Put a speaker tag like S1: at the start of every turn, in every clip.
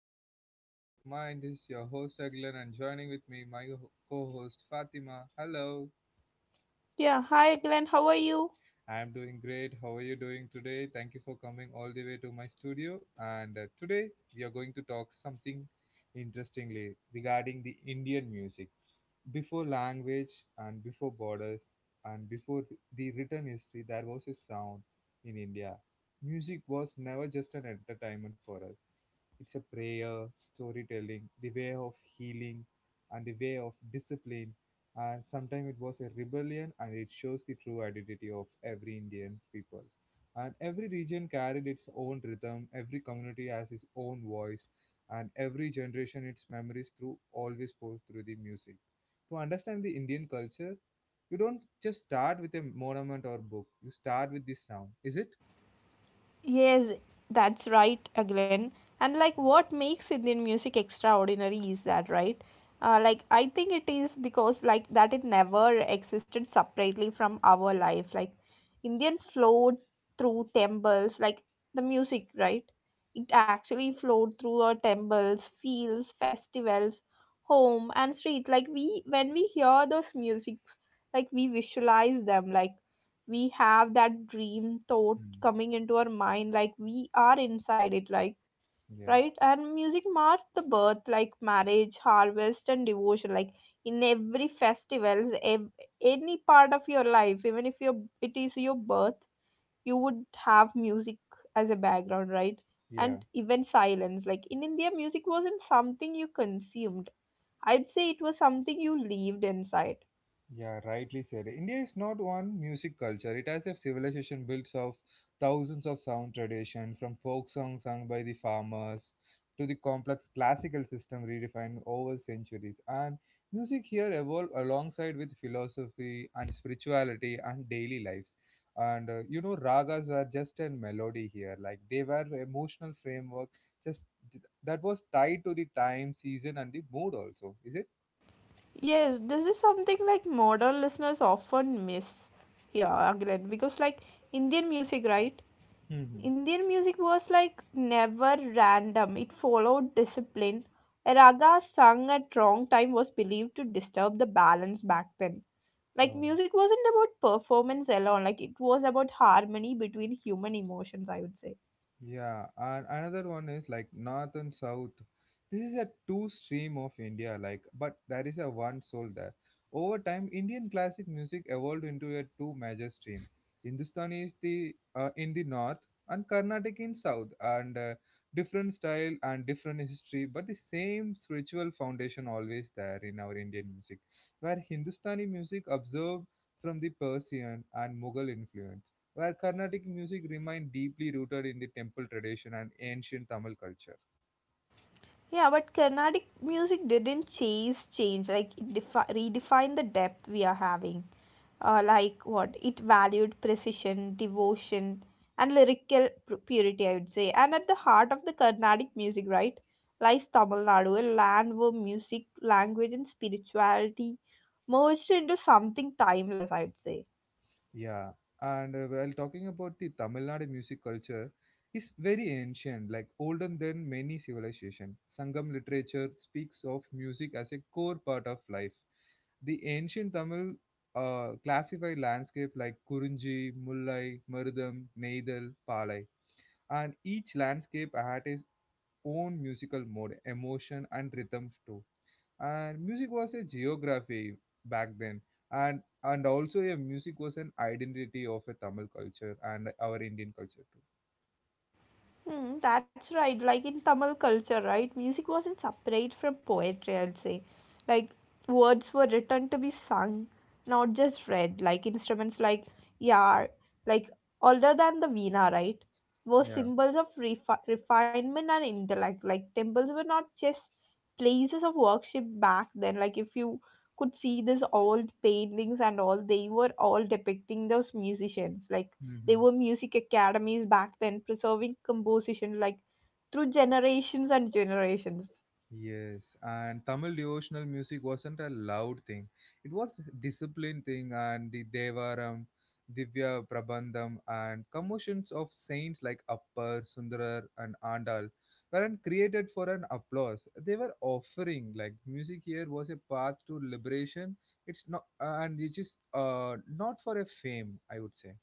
S1: to the another episode of mine. This is your host Aglan and joining with me my co-host Fatima. Hello.
S2: Yeah, hi Glenn, how are you?
S1: I am doing great. How are you doing today? Thank you for coming all the way to my studio. And today we are going to talk something interestingly regarding the Indian music. Before language and before borders and before the written history, there was a sound in India. Music was never just an entertainment for us. It's a prayer, storytelling, the way of healing, and the way of discipline. And sometimes it was a rebellion, and it shows the true identity of every Indian people. And every region carried its own rhythm, every community has its own voice, and every generation its memories through always flows through the music. To understand the Indian culture, you don't just start with a monument or book. You start with this sound. Is it?
S2: Yes, that's right, Aglen. And like what makes Indian music extraordinary is that, right? Like I think it is because like that it never existed separately from our life. Like Indians flowed through temples, like the music, right? It actually flowed through our temples, fields, festivals, home and street. Like we when we hear those musics, like we visualize them, like we have that dream thought
S1: Hmm.
S2: coming into our mind, like we are inside it, like
S1: Yeah.
S2: right. And music marks the birth, like marriage, harvest and devotion, like in every festivals, any part of your life, even if your it is your birth, you would have music as a background, right.
S1: Yeah.
S2: And even silence, like in India music wasn't something you consumed. I'd say it was something you lived inside.
S1: Yeah, rightly said. India is not one music culture. It has a civilization built of thousands of sound tradition, from folk songs sung by the farmers to the complex classical system redefined over centuries. And music here evolved alongside with philosophy and spirituality and daily lives. And ragas were just a melody here. Like they were emotional framework, just that was tied to the time, season, and the mood also. Is it?
S2: Yes, this is something like modern listeners often miss here, Aglen, because like Indian music, right?
S1: Mm-hmm.
S2: Indian music was like never random. It followed discipline. A raga sung at wrong time was believed to disturb the balance back then. Like
S1: Oh.
S2: music wasn't about performance alone, like it was about harmony between human emotions, I would say.
S1: Yeah, and another one is like north and south. This is a two stream of India, like, but there is a one soul there. Over time, Indian classic music evolved into a two major stream. Hindustani is the in the north and Carnatic in south, and different style and different history, but the same spiritual foundation always there in our Indian music, where Hindustani music observed from the Persian and Mughal influence where Carnatic music remained deeply rooted in the temple tradition and ancient Tamil culture.
S2: Yeah, but Carnatic music didn't chase change, like it redefined the depth we are having, like what it valued: precision, devotion, and lyrical purity, I would say. And at the heart of the Carnatic music, right, lies Tamil Nadu, a land where music, language, and spirituality merged into something timeless, I would say.
S1: Yeah, and while talking about the Tamil Nadu music culture, is very ancient, like older than many civilizations. Sangam literature speaks of music as a core part of life. The ancient Tamil classified landscape like Kurunji, Mullai, Marudam, Neidal, Palai and each landscape had its own musical mode, emotion, and rhythm too. And music was a geography back then, and also a music was an identity of a Tamil culture and our Indian culture too.
S2: Hmm, that's right. Like in Tamil culture, right? Music wasn't separate from poetry, I'd say. Like words were written to be sung, not just read. Like instruments like yar, like older than the veena, right? Were
S1: Yeah.
S2: symbols of refinement and intellect. Like temples were not just places of worship back then. Like if you could see these old paintings and all, they were all depicting those musicians. Like they
S1: Mhm.
S2: were music academies back then, preserving composition like through generations and generations.
S1: Yes, and Tamil devotional music wasn't a loud thing. It was discipline thing and the Devaram, Divya Prabandham and commotions of saints like Appar, Sundarar and Andal weren't created for an applause. They were offering like music here was a path to liberation. It's not and which is not for a fame, I would say.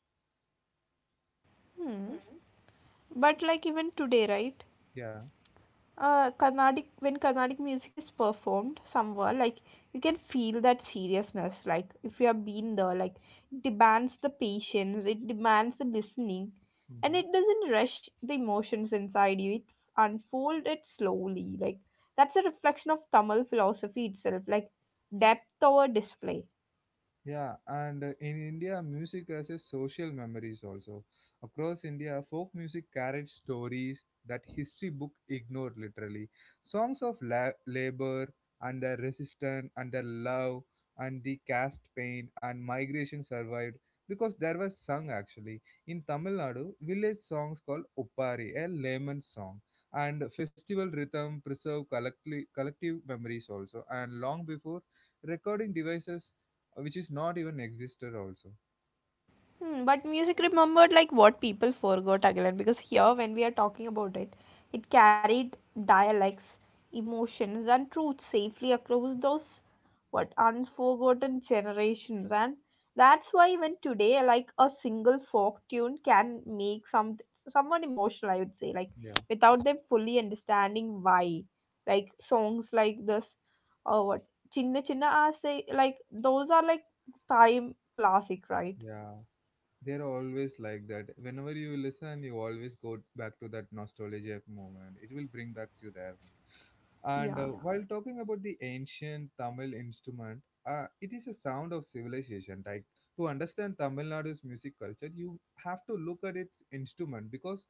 S2: Hmm. But like even today, right?
S1: Yeah.
S2: Carnatic, when Carnatic music is performed somewhere, like you can feel that seriousness. Like if you have been there, like it demands the patience, it demands the listening, and
S1: Mm-hmm.
S2: it doesn't rush the emotions inside you. It unfolds it slowly. Like that's a reflection of Tamil philosophy itself, like depth over display.
S1: Yeah, and in India, music has a social memories also. Across India, folk music carried stories that history book ignored literally. Songs of labor and their resistance and their love and the caste pain and migration survived because there was sung actually. In Tamil Nadu, village songs called Uppari, a layman song, and festival rhythm preserve collectively collective memories also. And long before recording devices which is not even existed also.
S2: Hmm, but music remembered like what people forgot again, because here when we are talking about it, it carried dialects, emotions and truth safely across those what unforgotten generations. And that's why even today, like a single folk tune can make someone emotional, I would say, like
S1: Yeah.
S2: without them fully understanding why. Like songs like this or what Chinna Chinna Aase, like those are like time classic, right?
S1: Yeah, they're always like that. Whenever you listen you always go back to that nostalgic moment, it will bring back you there. And
S2: Yeah.
S1: yeah, while talking about the ancient Tamil instrument, it is a sound of civilization. Like to understand Tamil Nadu's music culture, you have to look at its instrument because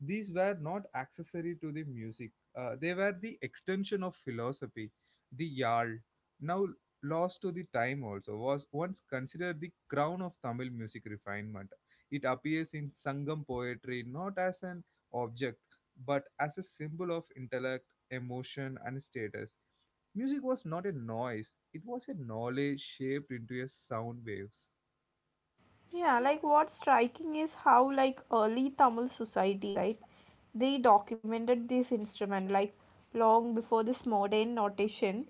S1: these were not accessory to the music. They were the extension of philosophy, the yal. Now lost to the time also was once considered the crown of Tamil music refinement. It appears in Sangam poetry not as an object but as a symbol of intellect, emotion, and status. Music was not a noise, it was a knowledge shaped into a sound waves.
S2: Yeah, like what's striking is how like early Tamil society, right? They documented this instrument like long before this modern notation.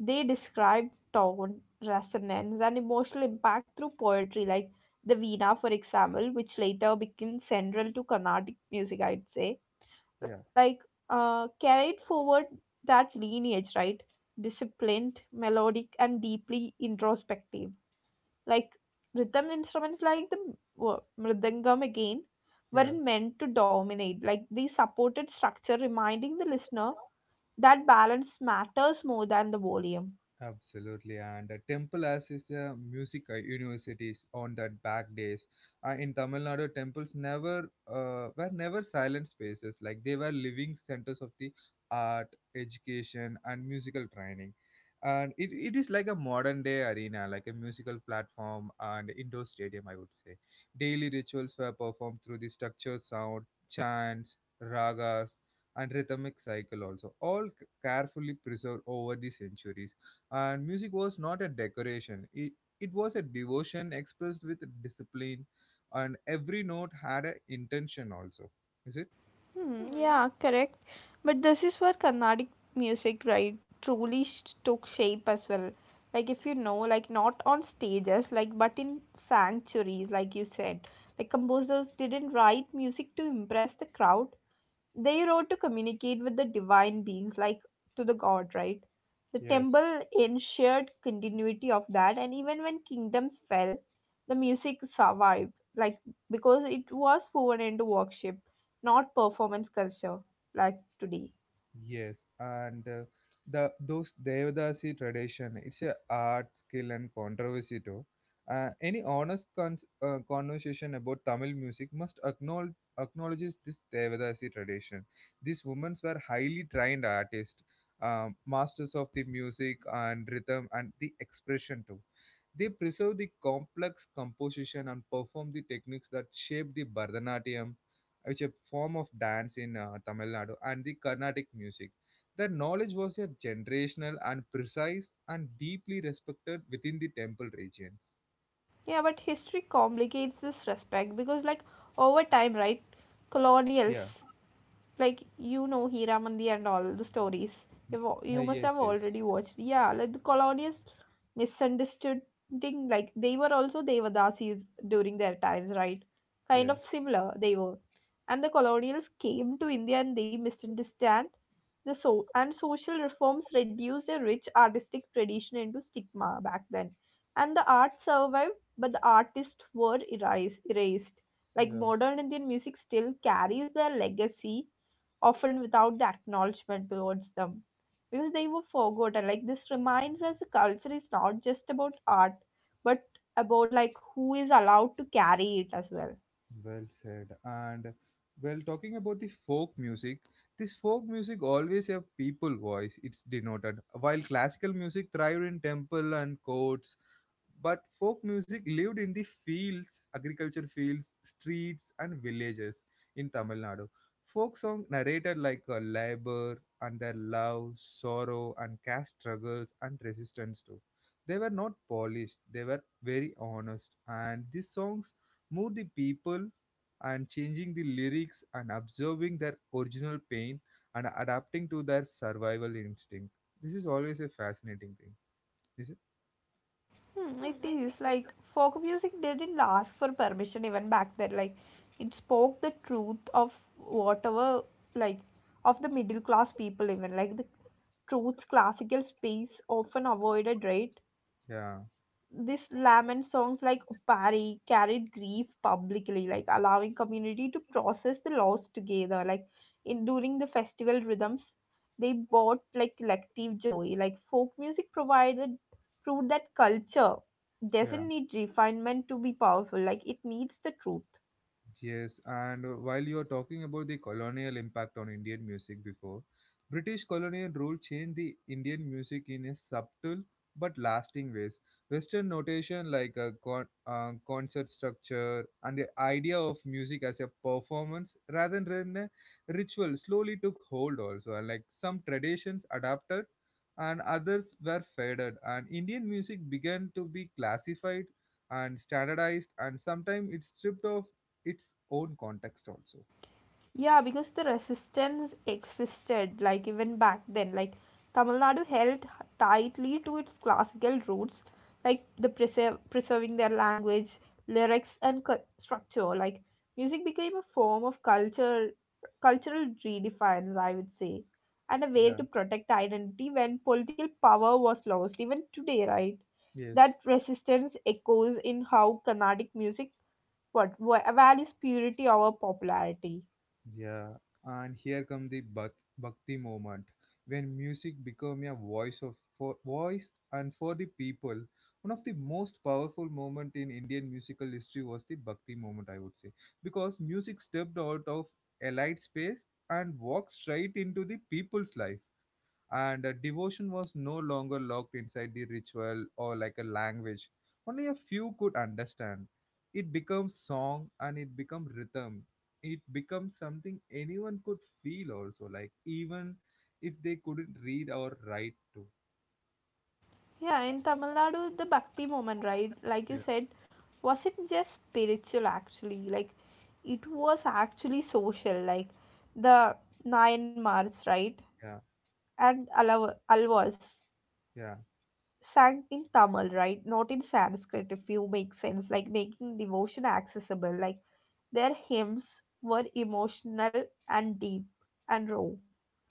S2: They described tone, resonance, and emotional impact through poetry, like the Veena, for example, which later became central to Carnatic music, I'd say.
S1: Yeah,
S2: Like carried forward that lineage, right? Disciplined, melodic, and deeply introspective, like rhythm instruments like the mridangam again
S1: yeah.
S2: weren't meant to dominate, like they supported structure, reminding the listener that balance matters more than the volume.
S1: Absolutely, and temple as is a music universities on that back days. In Tamil Nadu, temples never were never silent spaces. Like they were living centers of the art, education, and musical training. And it is like a modern day arena, like a musical platform and indoor stadium. I would say daily rituals were performed through the structured sound, chants, ragas, and rhythmic cycle also, all carefully preserved over the centuries. And music was not a decoration, it was a devotion expressed with discipline, and every note had an intention also. Is it?
S2: Hmm, yeah, correct. But this is where Carnatic music, right, truly took shape as well. Like if you know, like not on stages, like but in sanctuaries, like you said, like composers didn't write music to impress the crowd. They wrote to communicate with the divine beings, like to the god, right? The
S1: Yes.
S2: temple ensured continuity of that, and even when kingdoms fell, the music survived, like because it was woven into worship, not performance culture, like today.
S1: Yes, and the those Devadasi tradition, it's a art, skill, and controversy too. Any honest conversation about Tamil music must acknowledges this Devadasi tradition. These women were highly trained artists, masters of the music and rhythm and the expression too. They preserve the complex composition and perform the techniques that shape the Bharatanatyam, which is a form of dance in Tamil Nadu, and the Carnatic music. Their knowledge was a generational and precise and deeply respected within the temple regions.
S2: Yeah, but history complicates this respect because, like, over time, right, colonials,
S1: Yeah.
S2: like you know, Hiramandi and all the stories. You
S1: Hey,
S2: must
S1: yes,
S2: have
S1: yes.
S2: already watched. Yeah, like the colonials misunderstood thing, like they were also Devadasis during their times, right? Kind
S1: Yeah,
S2: of similar they were. And the colonials came to India and they misunderstand the so and social reforms reduced a rich artistic tradition into stigma back then. And the art survived, but the artists were erased. Like
S1: yeah.
S2: modern Indian music still carries their legacy, often without the acknowledgement towards them, because they were forgotten. Like this reminds us the culture is not just about art, but about like who is allowed to carry it as well.
S1: Well said. And well, talking about the folk music, this folk music always have people voice. It's denoted while classical music thrived in temple and courts. But folk music lived in the fields, agriculture fields, streets, and villages in Tamil Nadu. Folk songs narrated like labor and their love, sorrow, and caste struggles and resistance too. They were not polished, they were very honest, and these songs moved the people and changing the lyrics and observing their original pain and adapting to their survival instinct. This is always a fascinating thing. Is it?
S2: Hmm, it is like folk music didn't ask for permission even back then, like it spoke the truth of whatever, like of the middle class people even, like the truth's classical space often avoided, right?
S1: Yeah,
S2: This lament songs like Opari carried grief publicly, like allowing community to process the loss together. Like in during the festival rhythms, they brought like collective joy. Like folk music provided, proved that culture
S1: yeah.
S2: doesn't need refinement to be powerful. Like it needs the truth.
S1: Yes, and while you're talking about the colonial impact on Indian music before, British colonial rule changed the Indian music in a subtle but lasting ways. Western notation like a concert structure and the idea of music as a performance rather than a ritual slowly took hold also. And like some traditions adapted and others were faded and Indian music began to be classified and standardized and sometimes it stripped of its own context also.
S2: Yeah, because the resistance existed, like even back then. Like Tamil Nadu held tightly to its classical roots, like the preserve, preserving their language, lyrics, and structure. Like music became a form of culture, cultural redefiance, I would say, and a way
S1: Yeah.
S2: to protect identity when political power was lost. Even today, right?
S1: Yes.
S2: That resistance echoes in how Carnatic music what values purity over popularity.
S1: Yeah, and here come the bhakti moment when music become a voice of for voice and for the people. One of the most powerful moment in Indian musical history was the bhakti moment, I would say, because music stepped out of elite space and walked straight into the people's life. And devotion was no longer locked inside the ritual or like a language only a few could understand. It becomes song and it becomes rhythm, it becomes something anyone could feel also, like even if they couldn't read or write too.
S2: Yeah, in Tamil Nadu, the bhakti moment, right? Like you
S1: Yeah.
S2: said, wasn't just spiritual actually, like it was actually social, like the Nayanmars, right?
S1: Yeah,
S2: And Alvas
S1: yeah,
S2: sang in Tamil, right? Not in Sanskrit, if you make sense, like making devotion accessible. Like their hymns were emotional and deep and raw,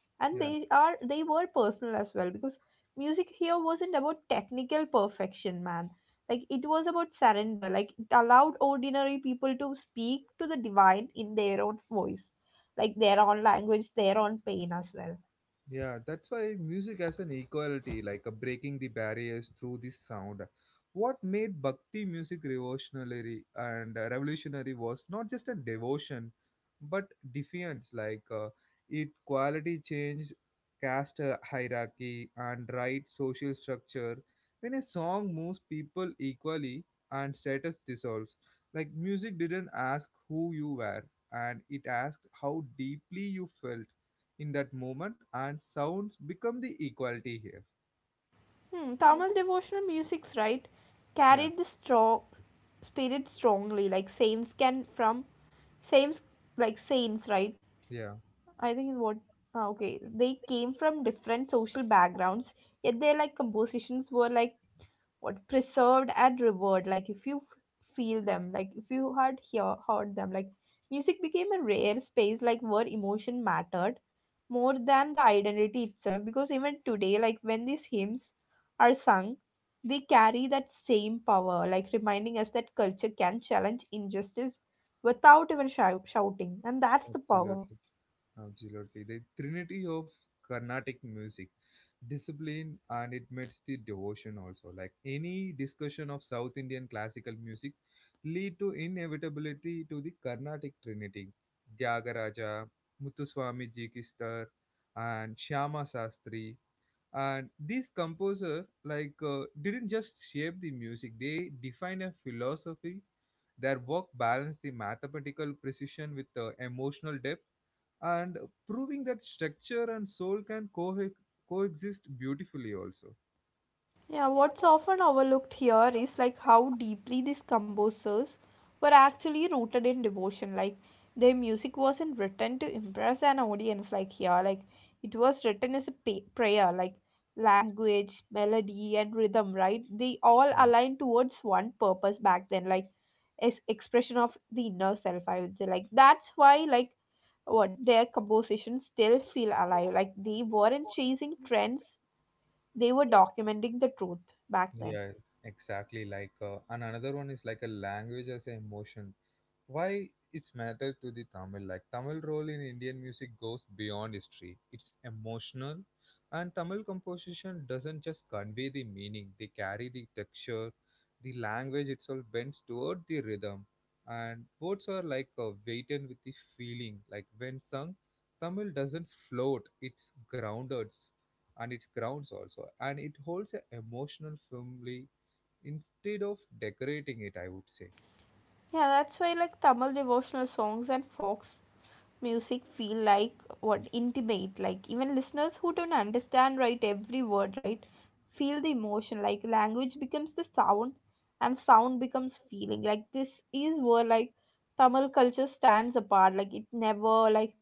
S2: and
S1: yeah.
S2: they are they were personal as well, because music here wasn't about technical perfection, man. Like it was about surrender, like it allowed ordinary people to speak to the divine in their own voice, like their own language, their own pain as well.
S1: Yeah, that's why music has an equality, like a breaking the barriers through the sound. What made Bhakti music revolutionary and revolutionary was not just a devotion, but defiance. Like it quality changed caste hierarchy and right social structure. When a song moves people equally and status dissolves, like music didn't ask who you were, and it asked how deeply you felt in that moment, and sounds become the equality here.
S2: Hmm, Tamil devotional musics, right,
S1: Yeah.
S2: carried the strong spirit strongly, like saints can from saints, like saints, right?
S1: Yeah,
S2: I think is what, okay. They came from different social backgrounds, yet their like compositions were like what preserved and revered. Like if you feel them, like if you had heard them, like music became a rare space, like where emotion mattered more than the identity itself. Because even today, like when these hymns are sung, they carry that same power, like reminding us that culture can challenge injustice without even shouting, and that's the power.
S1: absolutely, absolutely. The trinity of Carnatic music, discipline, and it meets the devotion also. Like any discussion of South Indian classical music, lead to inevitability to the Carnatic trinity, Tyagaraja, Muthuswami Ji Kistar, and Shyama Sastri. And these composers like didn't just shape the music, they define a philosophy. Their work balanced the mathematical precision with emotional depth and proving that structure and soul can coexist beautifully also.
S2: Yeah, what's often overlooked here is like how deeply these composers were actually rooted in devotion. Like their music wasn't written to impress an audience like here. Like it was written as a prayer, like language, melody and rhythm, right? They all
S1: Yeah.
S2: aligned towards one purpose back then, like as expression of the inner self, I would say. Like that's why like what their compositions still feel alive. Like they weren't chasing trends, they were documenting the truth back then.
S1: Yeah, exactly, like and another one is like a language as an emotion, why it's matter to the Tamil. Like Tamil role in Indian music goes beyond history, it's emotional. And Tamil composition doesn't just convey the meaning, they carry the texture. The language itself bends toward the rhythm, and words are like a weighted with the feeling. Like when sung, Tamil doesn't float, it's grounded. And it grounds also, and it holds an emotional firmly instead of decorating it, I would say.
S2: Yeah, that's why like Tamil devotional songs and folk music feel like what intimate, like even listeners who don't understand right every word right feel the emotion. Like language becomes the sound and sound becomes feeling. Like this is where like Tamil culture stands apart, like it never like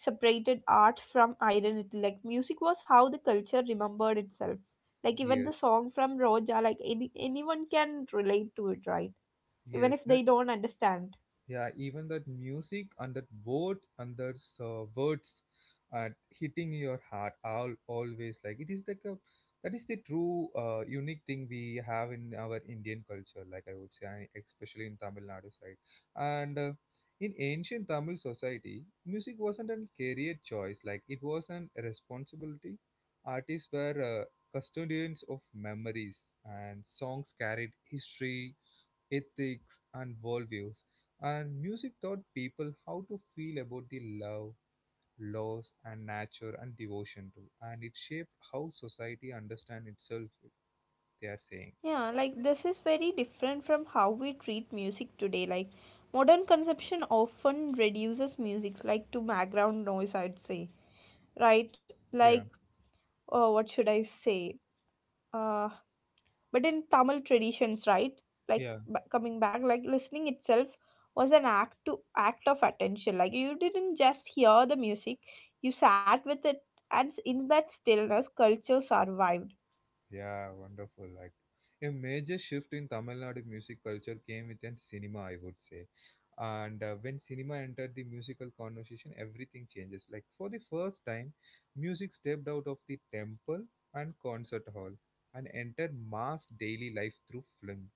S2: separated art from identity. Like music was how the culture remembered itself. Like even the
S1: Yes.
S2: song from Roja, like any, anyone can relate to it, right? Even
S1: Yes,
S2: if
S1: that
S2: they don't understand.
S1: yeah, even that music and that word and those words and hitting your heart all always, like it is like a, that is the true unique thing we have in our Indian culture, like I would say, and especially in Tamil Nadu side. And in ancient Tamil society, music wasn't a career choice; like it was an responsibility. Artists were custodians of memories, and songs carried history, ethics, and worldviews, and music taught people how to feel about the love, loss, and nature and devotion to, and it shaped how society understands itself. They are saying,
S2: Yeah, like this is very different from how we treat music today. Like modern conception often reduces music like to background noise, I'd say. Right? Like,
S1: yeah,
S2: what should I say? Uh, but in Tamil traditions, right, like
S1: yeah.
S2: coming back, like listening itself was an act of attention. Like you didn't just hear the music, you sat with it, and in that stillness culture survived.
S1: Yeah, wonderful. Like a major shift in Tamil Nadu music culture came within cinema, I would say. And when cinema entered the musical conversation, everything changes. Like for the first time, music stepped out of the temple and concert hall and entered mass daily life through film.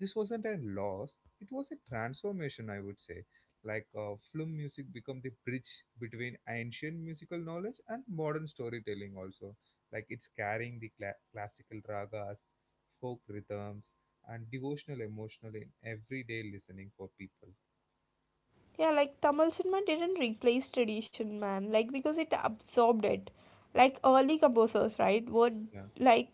S1: This wasn't a loss; it was a transformation, I would say. Like film music become the bridge between ancient musical knowledge and modern storytelling, also like it's carrying the classical ragas, folk rhythms, and devotional emotional in everyday listening for people.
S2: Yeah, like Tamil cinema didn't replace tradition, man, like because it absorbed it. Like early composers, right, would
S1: Yeah,
S2: like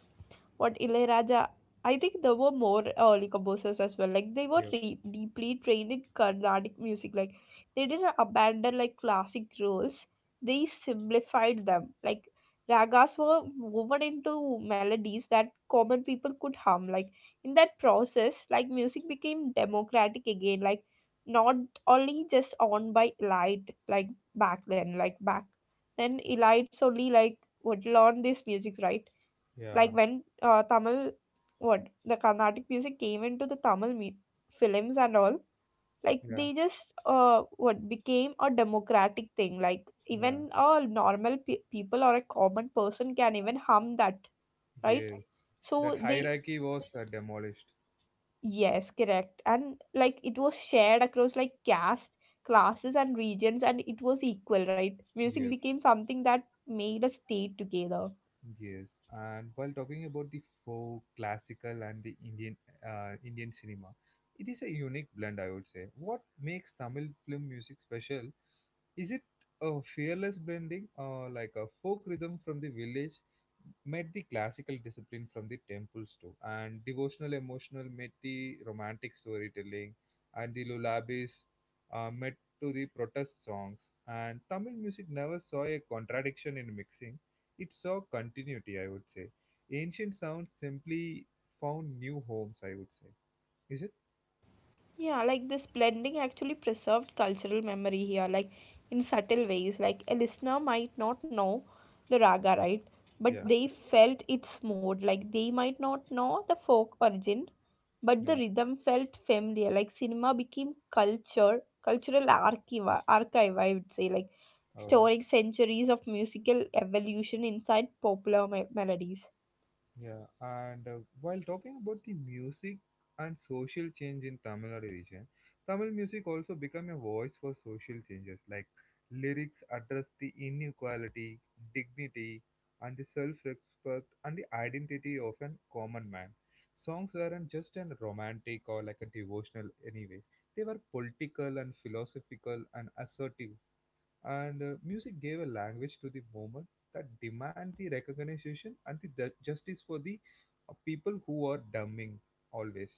S2: what Ilayaraja. I think there were more early composers as well. Like they were
S1: yeah,
S2: deeply trained in Carnatic music. Like they didn't abandon like classic rules. They simplified them. Like ragas were woven into melodies that common people could hum. Like in that process, like music became democratic again. Like not only just owned by elite. Like back then, elites only like would learn these music, right?
S1: yeah,
S2: Like when Tamil what the Carnatic music came into the Tamil films and all, like
S1: yeah,
S2: they just what became a democratic thing, like
S1: yeah.
S2: even a normal people or a common person can even hum that, right?
S1: Yes, that
S2: So they,
S1: hierarchy was demolished.
S2: yes, correct. And like it was shared across like caste, classes and regions, and it was equal, right? Music
S1: Yes.
S2: became something that made us stay together.
S1: Yes, and while talking about the folk, classical, and the Indian Indian cinema, it is a unique blend, I would say. What makes Tamil film music special? Is it a fearless blending, or like a folk rhythm from the village, met the classical discipline from the temples too, and devotional emotional met the romantic storytelling, and the lullabies met to the protest songs. And Tamil music never saw a contradiction in mixing; it saw continuity, I would say. Ancient sounds simply found new homes, I would say. Is it?
S2: Yeah, like this blending actually preserved cultural memory here, like in subtle ways. Like a listener might not know the raga, right? But
S1: Yeah.
S2: they felt its mode. Like they might not know the folk origin, but the
S1: Yeah.
S2: rhythm felt familiar. Like cinema became culture, cultural archive, I would say, like
S1: Oh.
S2: storing centuries of musical evolution inside melodies.
S1: Yeah, and while talking about the music and social change in Tamil Nadu region, Tamil music also became a voice for social changes. Like lyrics address the inequality, dignity, and the self-respect and the identity of a common man. Songs weren't just an romantic or like a devotional anyway. They were political and philosophical and assertive, and music gave a language to the movement that demand the recognition and the justice for the people who are dumbing always.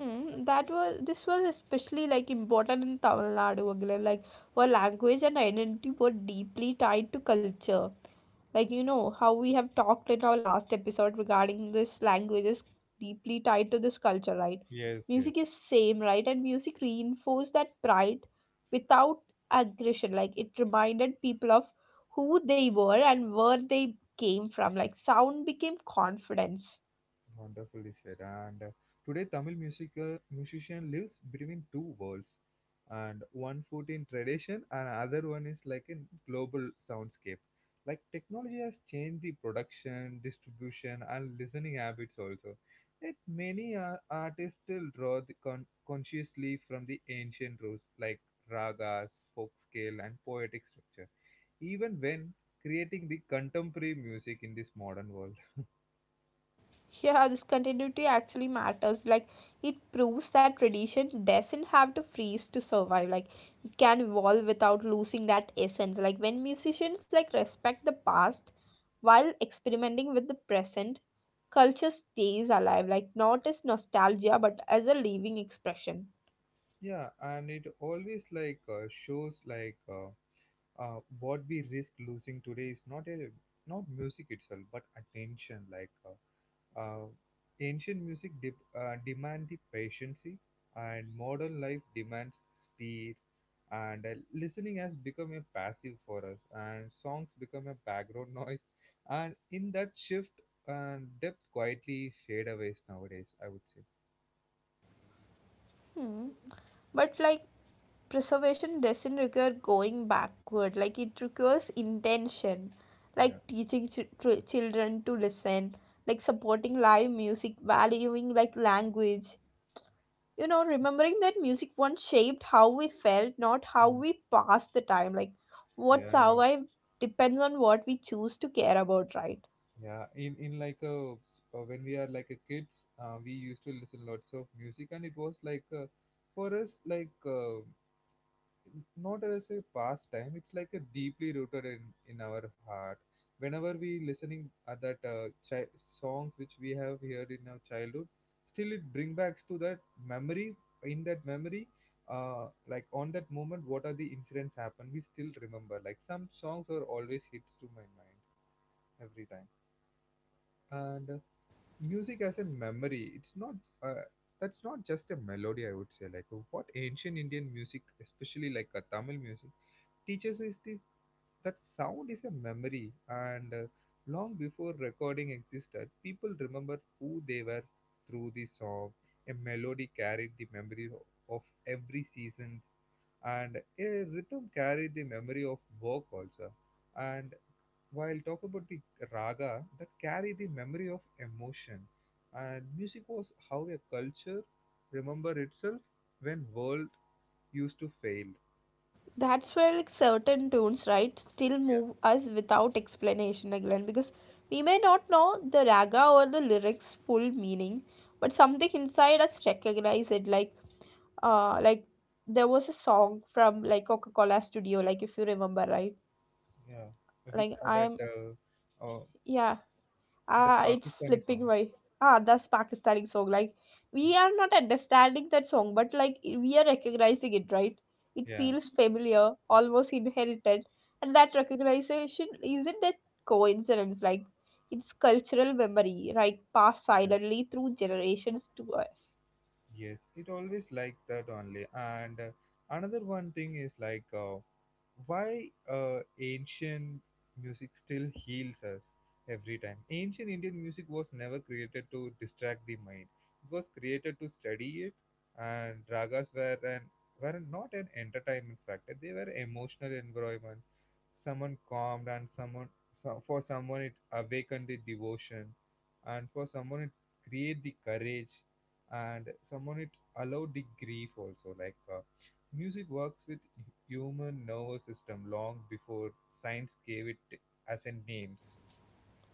S2: Mm, that was this was especially like important in Tamil Nadu again, like where language and identity were deeply tied to culture. Like you know how we have talked in our last episode regarding this language is deeply tied to this culture, right?
S1: Yes, yes.
S2: Music is same, right? And music reinforced that pride without aggression. Like it reminded people of who they were and where they came from. Like sound became confidence.
S1: Wonderfully said. And today, Tamil music musician lives between two worlds, and one foot in tradition, and other one is like in global soundscape. Like technology has changed the production, distribution, and listening habits also. Yet many artists still draw the consciously from the ancient roots, like ragas, folk scale, and poetic structure, even when creating the contemporary music in this modern world.
S2: Yeah, this continuity actually matters. Like, it proves that tradition doesn't have to freeze to survive. Like, it can evolve without losing that essence. Like, when musicians like respect the past while experimenting with the present, culture stays alive. Like, not as nostalgia, but as a living expression.
S1: Yeah, and it always like shows like what we risk losing today is not a not music itself, but attention. Like uh, ancient music demand the patience, and modern life demands speed. And listening has become a passive for us, and songs become a background noise. And in that shift, and depth quietly fade away nowadays. I would say.
S2: Hmm. But like preservation doesn't require going backward, like it requires intention,
S1: Yeah.
S2: like teaching children to listen, like supporting live music, valuing like language. You know, remembering that music once shaped how we felt, not how
S1: Mm.
S2: we passed the time. Like, what
S1: Yeah.
S2: survived depends on what we choose to care about, right?
S1: Yeah, in like a when we are like a kids, we used to listen lots of music, and it was like for us like not as a pastime. It's like a deeply rooted in our heart. Whenever we listening at that songs which we have heard in our childhood, still it bring backs to that memory. In that memory, like on that moment, what are the incidents happened? We still remember. Like some songs are always hits to my mind every time. And music as a memory, it's not, uh, that's not just a melody, I would say. Like what ancient Indian music, especially like a Tamil music, teaches is this: that sound is a memory. And long before recording existed, people remember who they were through the song. A melody carried the memory of every seasons, and a rhythm carried the memory of work also. And while talk about the raga that carry the memory of emotion, and music was how a culture remember itself when world used to fail.
S2: That's where like certain tunes, right, still
S1: Yeah,
S2: move us without explanation again because we may not know the raga or the lyrics full meaning, but something inside us recognize it. Like there was a song from like Coca Cola Studio, like if you remember right.
S1: yeah, which
S2: Like
S1: uh, that
S2: I'm
S1: uh, uh,
S2: yeah
S1: that
S2: Ah, it's
S1: Pakistani
S2: slipping
S1: song.
S2: by. Ah, that's Pakistani song. Like we are not understanding that song, but like we are recognizing it, right? It
S1: Yeah,
S2: feels familiar, almost inherited, and that recognition isn't a coincidence. Like it's cultural memory, right? Passed
S1: yeah,
S2: silently through generations to us.
S1: yes. It always like that only. And another one thing is like why ancient music still heals us every time. Ancient Indian music was never created to distract the mind. It was created to study it, and ragas were not an entertainment factor. They were emotional environment. Someone calmed, and for someone it awakened the devotion, and for someone it create the courage, and someone it allowed the grief also like. Music works with human nervous system long before science gave it as a names.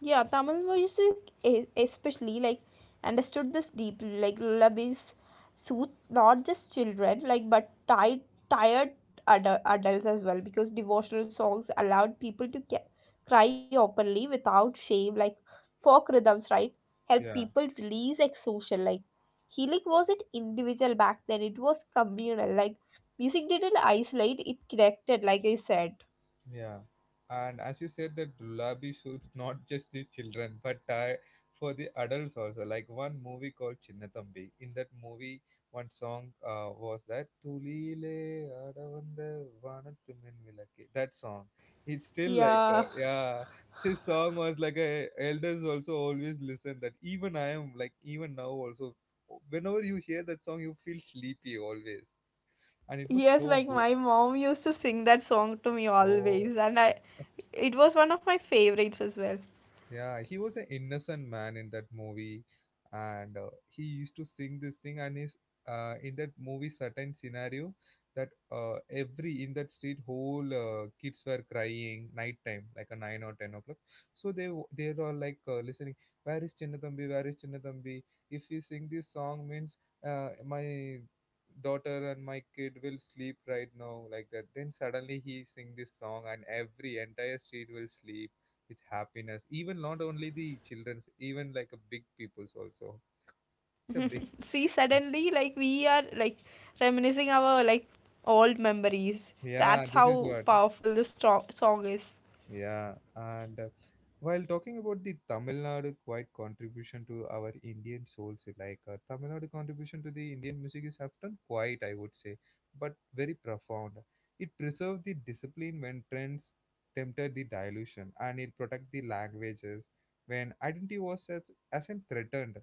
S2: Yeah, Tamil music, especially, like, understood this deeply. Like, lullabies soothe not just children, like, but tired, tired adu- adults as well, because devotional songs allowed people to cry openly without shame. Like, folk rhythms, right, help
S1: Yeah.
S2: people release exhaustion. Like, healing wasn't individual back then; it was communal. Like, music didn't isolate; it connected. Like I said.
S1: Yeah, and as you said, that Gulabi suits not just the children, but for the adults also. Like one movie called Chinnathambi. In that movie, one song was that "Tulile Adavanda Vanathu Minvilake." That song. It's still like
S2: Yeah.
S1: yeah, this song was like a, elders also always listen that. Even I am like even now also. Whenever you hear that song, you feel sleepy always, and it was
S2: Yes,
S1: so
S2: like
S1: good.
S2: my mom used to sing that song to me
S1: Oh.
S2: always, and I it was one of my favorites as well.
S1: Yeah, he was an innocent man in that movie, and he used to sing this thing. And is in that movie certain scenario, that every in that street whole kids were crying night time like a 9 or 10 o'clock. So they were like listening. Where is Chinnathambi? Where is Chinnathambi? If we sing this song, means my daughter and my kid will sleep right now like that. Then suddenly he sing this song, and every entire street will sleep with happiness, even not only the children's, even like a big people's also. It's a big,
S2: See, suddenly like we are like reminiscing our like old memories.
S1: yeah,
S2: That's
S1: this is
S2: how
S1: what.
S2: powerful the strong song is.
S1: Yeah, and while talking about the Tamil Nadu quite contribution to our Indian souls, like Tamil Nadu contribution to the Indian music is often quite, I would say, but very profound. It preserved the discipline when trends tempted the dilution, and it protect the languages when identity was as in threatened.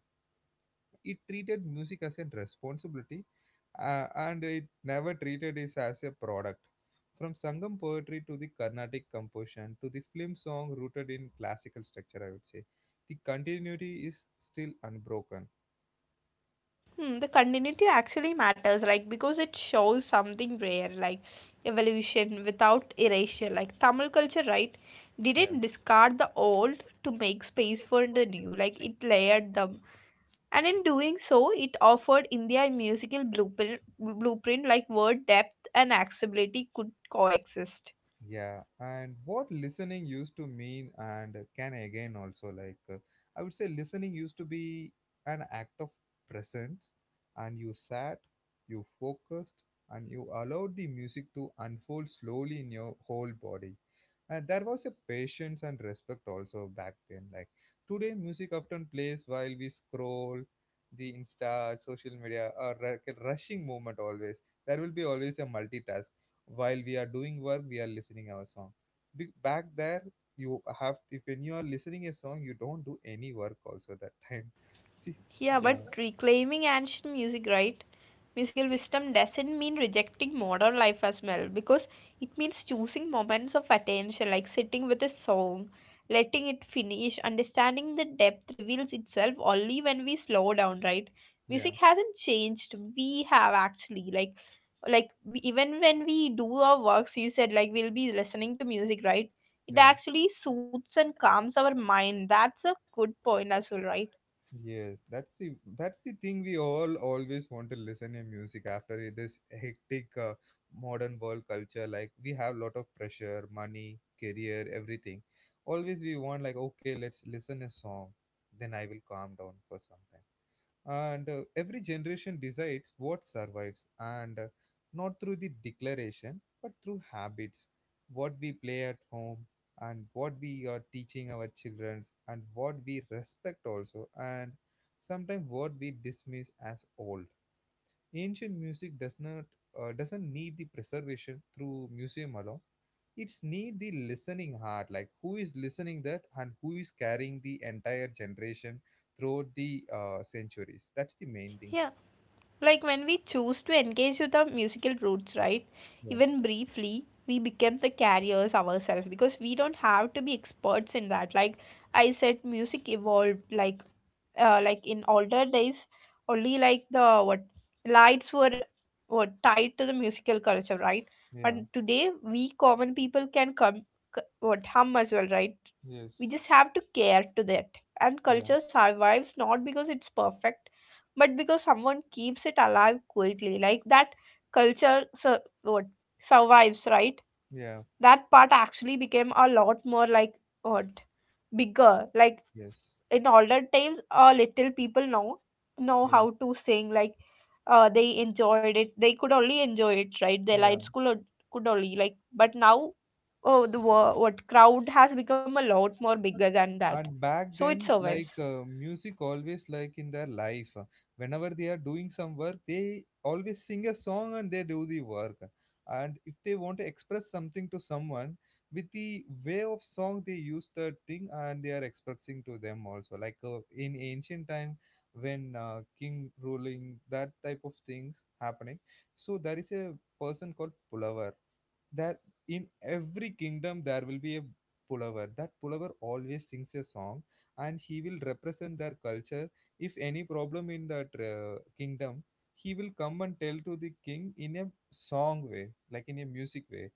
S1: It treated music as a responsibility, and it never treated it as a product. From Sangam poetry to the Carnatic composition to the film song rooted in classical structure, I would say the continuity is still unbroken.
S2: Hmm, the continuity actually matters, like because it shows something rare, like evolution without erasure. Like Tamil culture, right?
S1: Yeah.
S2: Didn't discard the old to make space for the new. Like it layered them and in doing so it offered india a musical blueprint like word depth and accessibility could coexist.
S1: Yeah, and what listening used to mean and can again also, like I would say listening used to be an act of presence. And you sat, you focused, and you allowed the music to unfold slowly in your whole body. And there was a patience and respect also back then. Like today music often plays while we scroll the insta social media, or like a rushing movement, always there will be always a multitask. While we are doing work, we are listening our song. Back there, you have if when you are listening a song, you don't do any work also that time.
S2: Yeah, but reclaiming ancient music, right? Musical wisdom doesn't mean rejecting modern life as well, because it means choosing moments of attention, like sitting with a song, letting it finish, understanding the depth reveals itself only when we slow down, right?
S1: Yeah,
S2: Music hasn't changed. We have actually, like we, even when we do our works, you said like we'll be listening to music, right? It
S1: yeah.
S2: actually soothes and calms our mind. That's a good point as well, right?
S1: Yes, that's the thing we all always want to listen in music after this hectic modern world culture. Like we have lot of pressure, money, career, everything. Always we want like, okay, let's listen a song, then I will calm down for some time. And every generation decides what survives, and not through the declaration but through habits: what we play at home, and what we are teaching our children, and what we respect also, and sometimes what we dismiss as old. Ancient music doesn't need the preservation through museum alone. It's need the listening heart, like who is listening that and who is carrying the entire generation throughout the centuries. That's the main thing.
S2: Yeah. Like when we choose to engage with our musical roots, right?
S1: Yeah,
S2: Even briefly, we become the carriers ourselves because we don't have to be experts in that. Like I said, music evolved. Like in older days, only like the what lights were tied to the musical culture, right?
S1: yeah,
S2: But today, we common people can come what hum as well, right?
S1: yes,
S2: We just have to care to that. And
S1: yeah,
S2: culture survives not because it's perfect but because someone keeps it alive quietly like that what survives, right?
S1: yeah,
S2: That part actually became a lot more like what bigger like
S1: yes,
S2: in older times little people know
S1: yeah,
S2: how to sing like they enjoyed it, they could only enjoy it right, their
S1: yeah.
S2: lives could only like, but now oh the what crowd has become a lot more bigger than that
S1: And back
S2: so it
S1: then
S2: survives.
S1: like music always like in their life, whenever they are doing some work, they always sing a song and they do the work. And if they want to express something to someone with the way of song, they use that thing and they are expressing to them also, like in ancient time when king ruling, that type of things happening. So there is a person called pulavar, that in every kingdom there will be a pulavar. That pulavar always sings a song, and he will represent their culture. If any problem in that kingdom, he will come and tell to the king in a song way, like in a music way.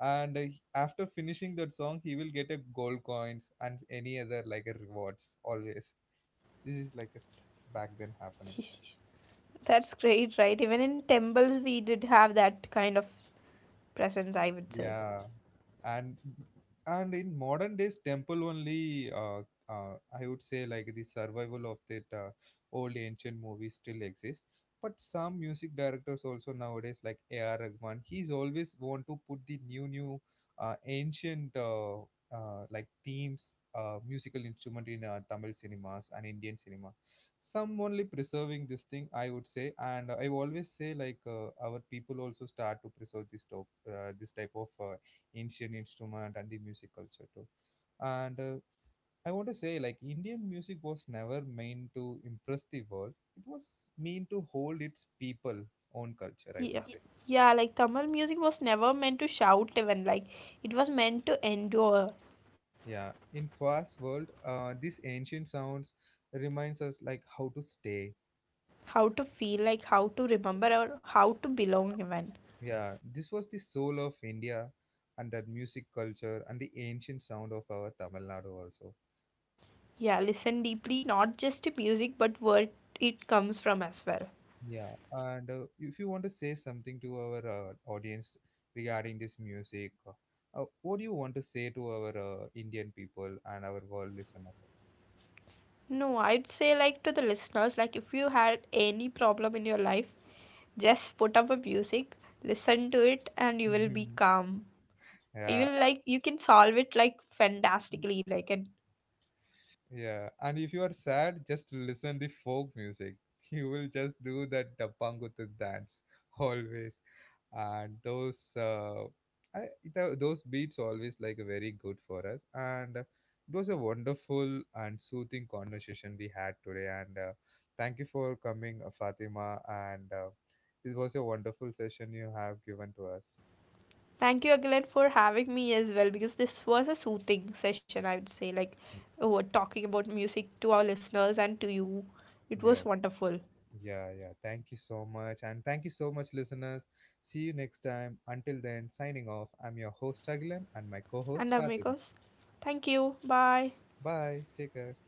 S1: And after finishing that song he will get a gold coins and any other like a rewards always. This is like a back then happening.
S2: That's great, right? Even in temples, we did have that kind of presence, I would say.
S1: Yeah, and and in modern days, temple only. I would say like the survival of that old ancient movies still exists. But some music directors also nowadays, like A.R. Rahman, he's always want to put the new ancient like themes, musical instrument in Tamil cinemas and Indian cinema. Some only preserving this thing, I would say. And I always say like our people also start to preserve this type of ancient instrument and the music culture too. And I want to say like Indian music was never meant to impress the world. It was meant to hold its people own culture. I would
S2: Yeah.
S1: say.
S2: Yeah, like Tamil music was never meant to shout, even like it was meant to endure,
S1: Yeah, in fast world, these ancient sounds reminds us like how to stay.
S2: how to feel, like how to remember, or how to belong, even.
S1: Yeah, this was the soul of India and that music culture and the ancient sound of our Tamil Nadu also.
S2: Yeah, listen deeply, not just to music, but where it comes from as well.
S1: Yeah, and if you want to say something to our audience regarding this music, what do you want to say to our Indian people and our world listeners also?
S2: No, I'd say, like, to the listeners, like, if you had any problem in your life, just put up a music, listen to it, and you will be
S1: Mhm.
S2: calm. You
S1: Yeah,
S2: will like, you can solve it like fantastically like. And
S1: yeah. And if you are sad, just listen the folk music. You will just do that Dappanguttu dance always. And those I, those beats always like very good for us. And it was a wonderful and soothing conversation we had today. And thank you for coming, Fatima. And this was a wonderful session you have given to us.
S2: thank you again for having me as well because this was a soothing session, I would say, like
S1: Y-
S2: we talking about music to our listeners and to you, it was
S1: yeah,
S2: wonderful.
S1: yeah, yeah, thank you so much. And thank you so much, listeners. See you next time. Until then, signing off, I'm your host Agilan and my co-host
S2: And
S1: Fatima.
S2: amigos, thank you, bye.
S1: Bye, take care.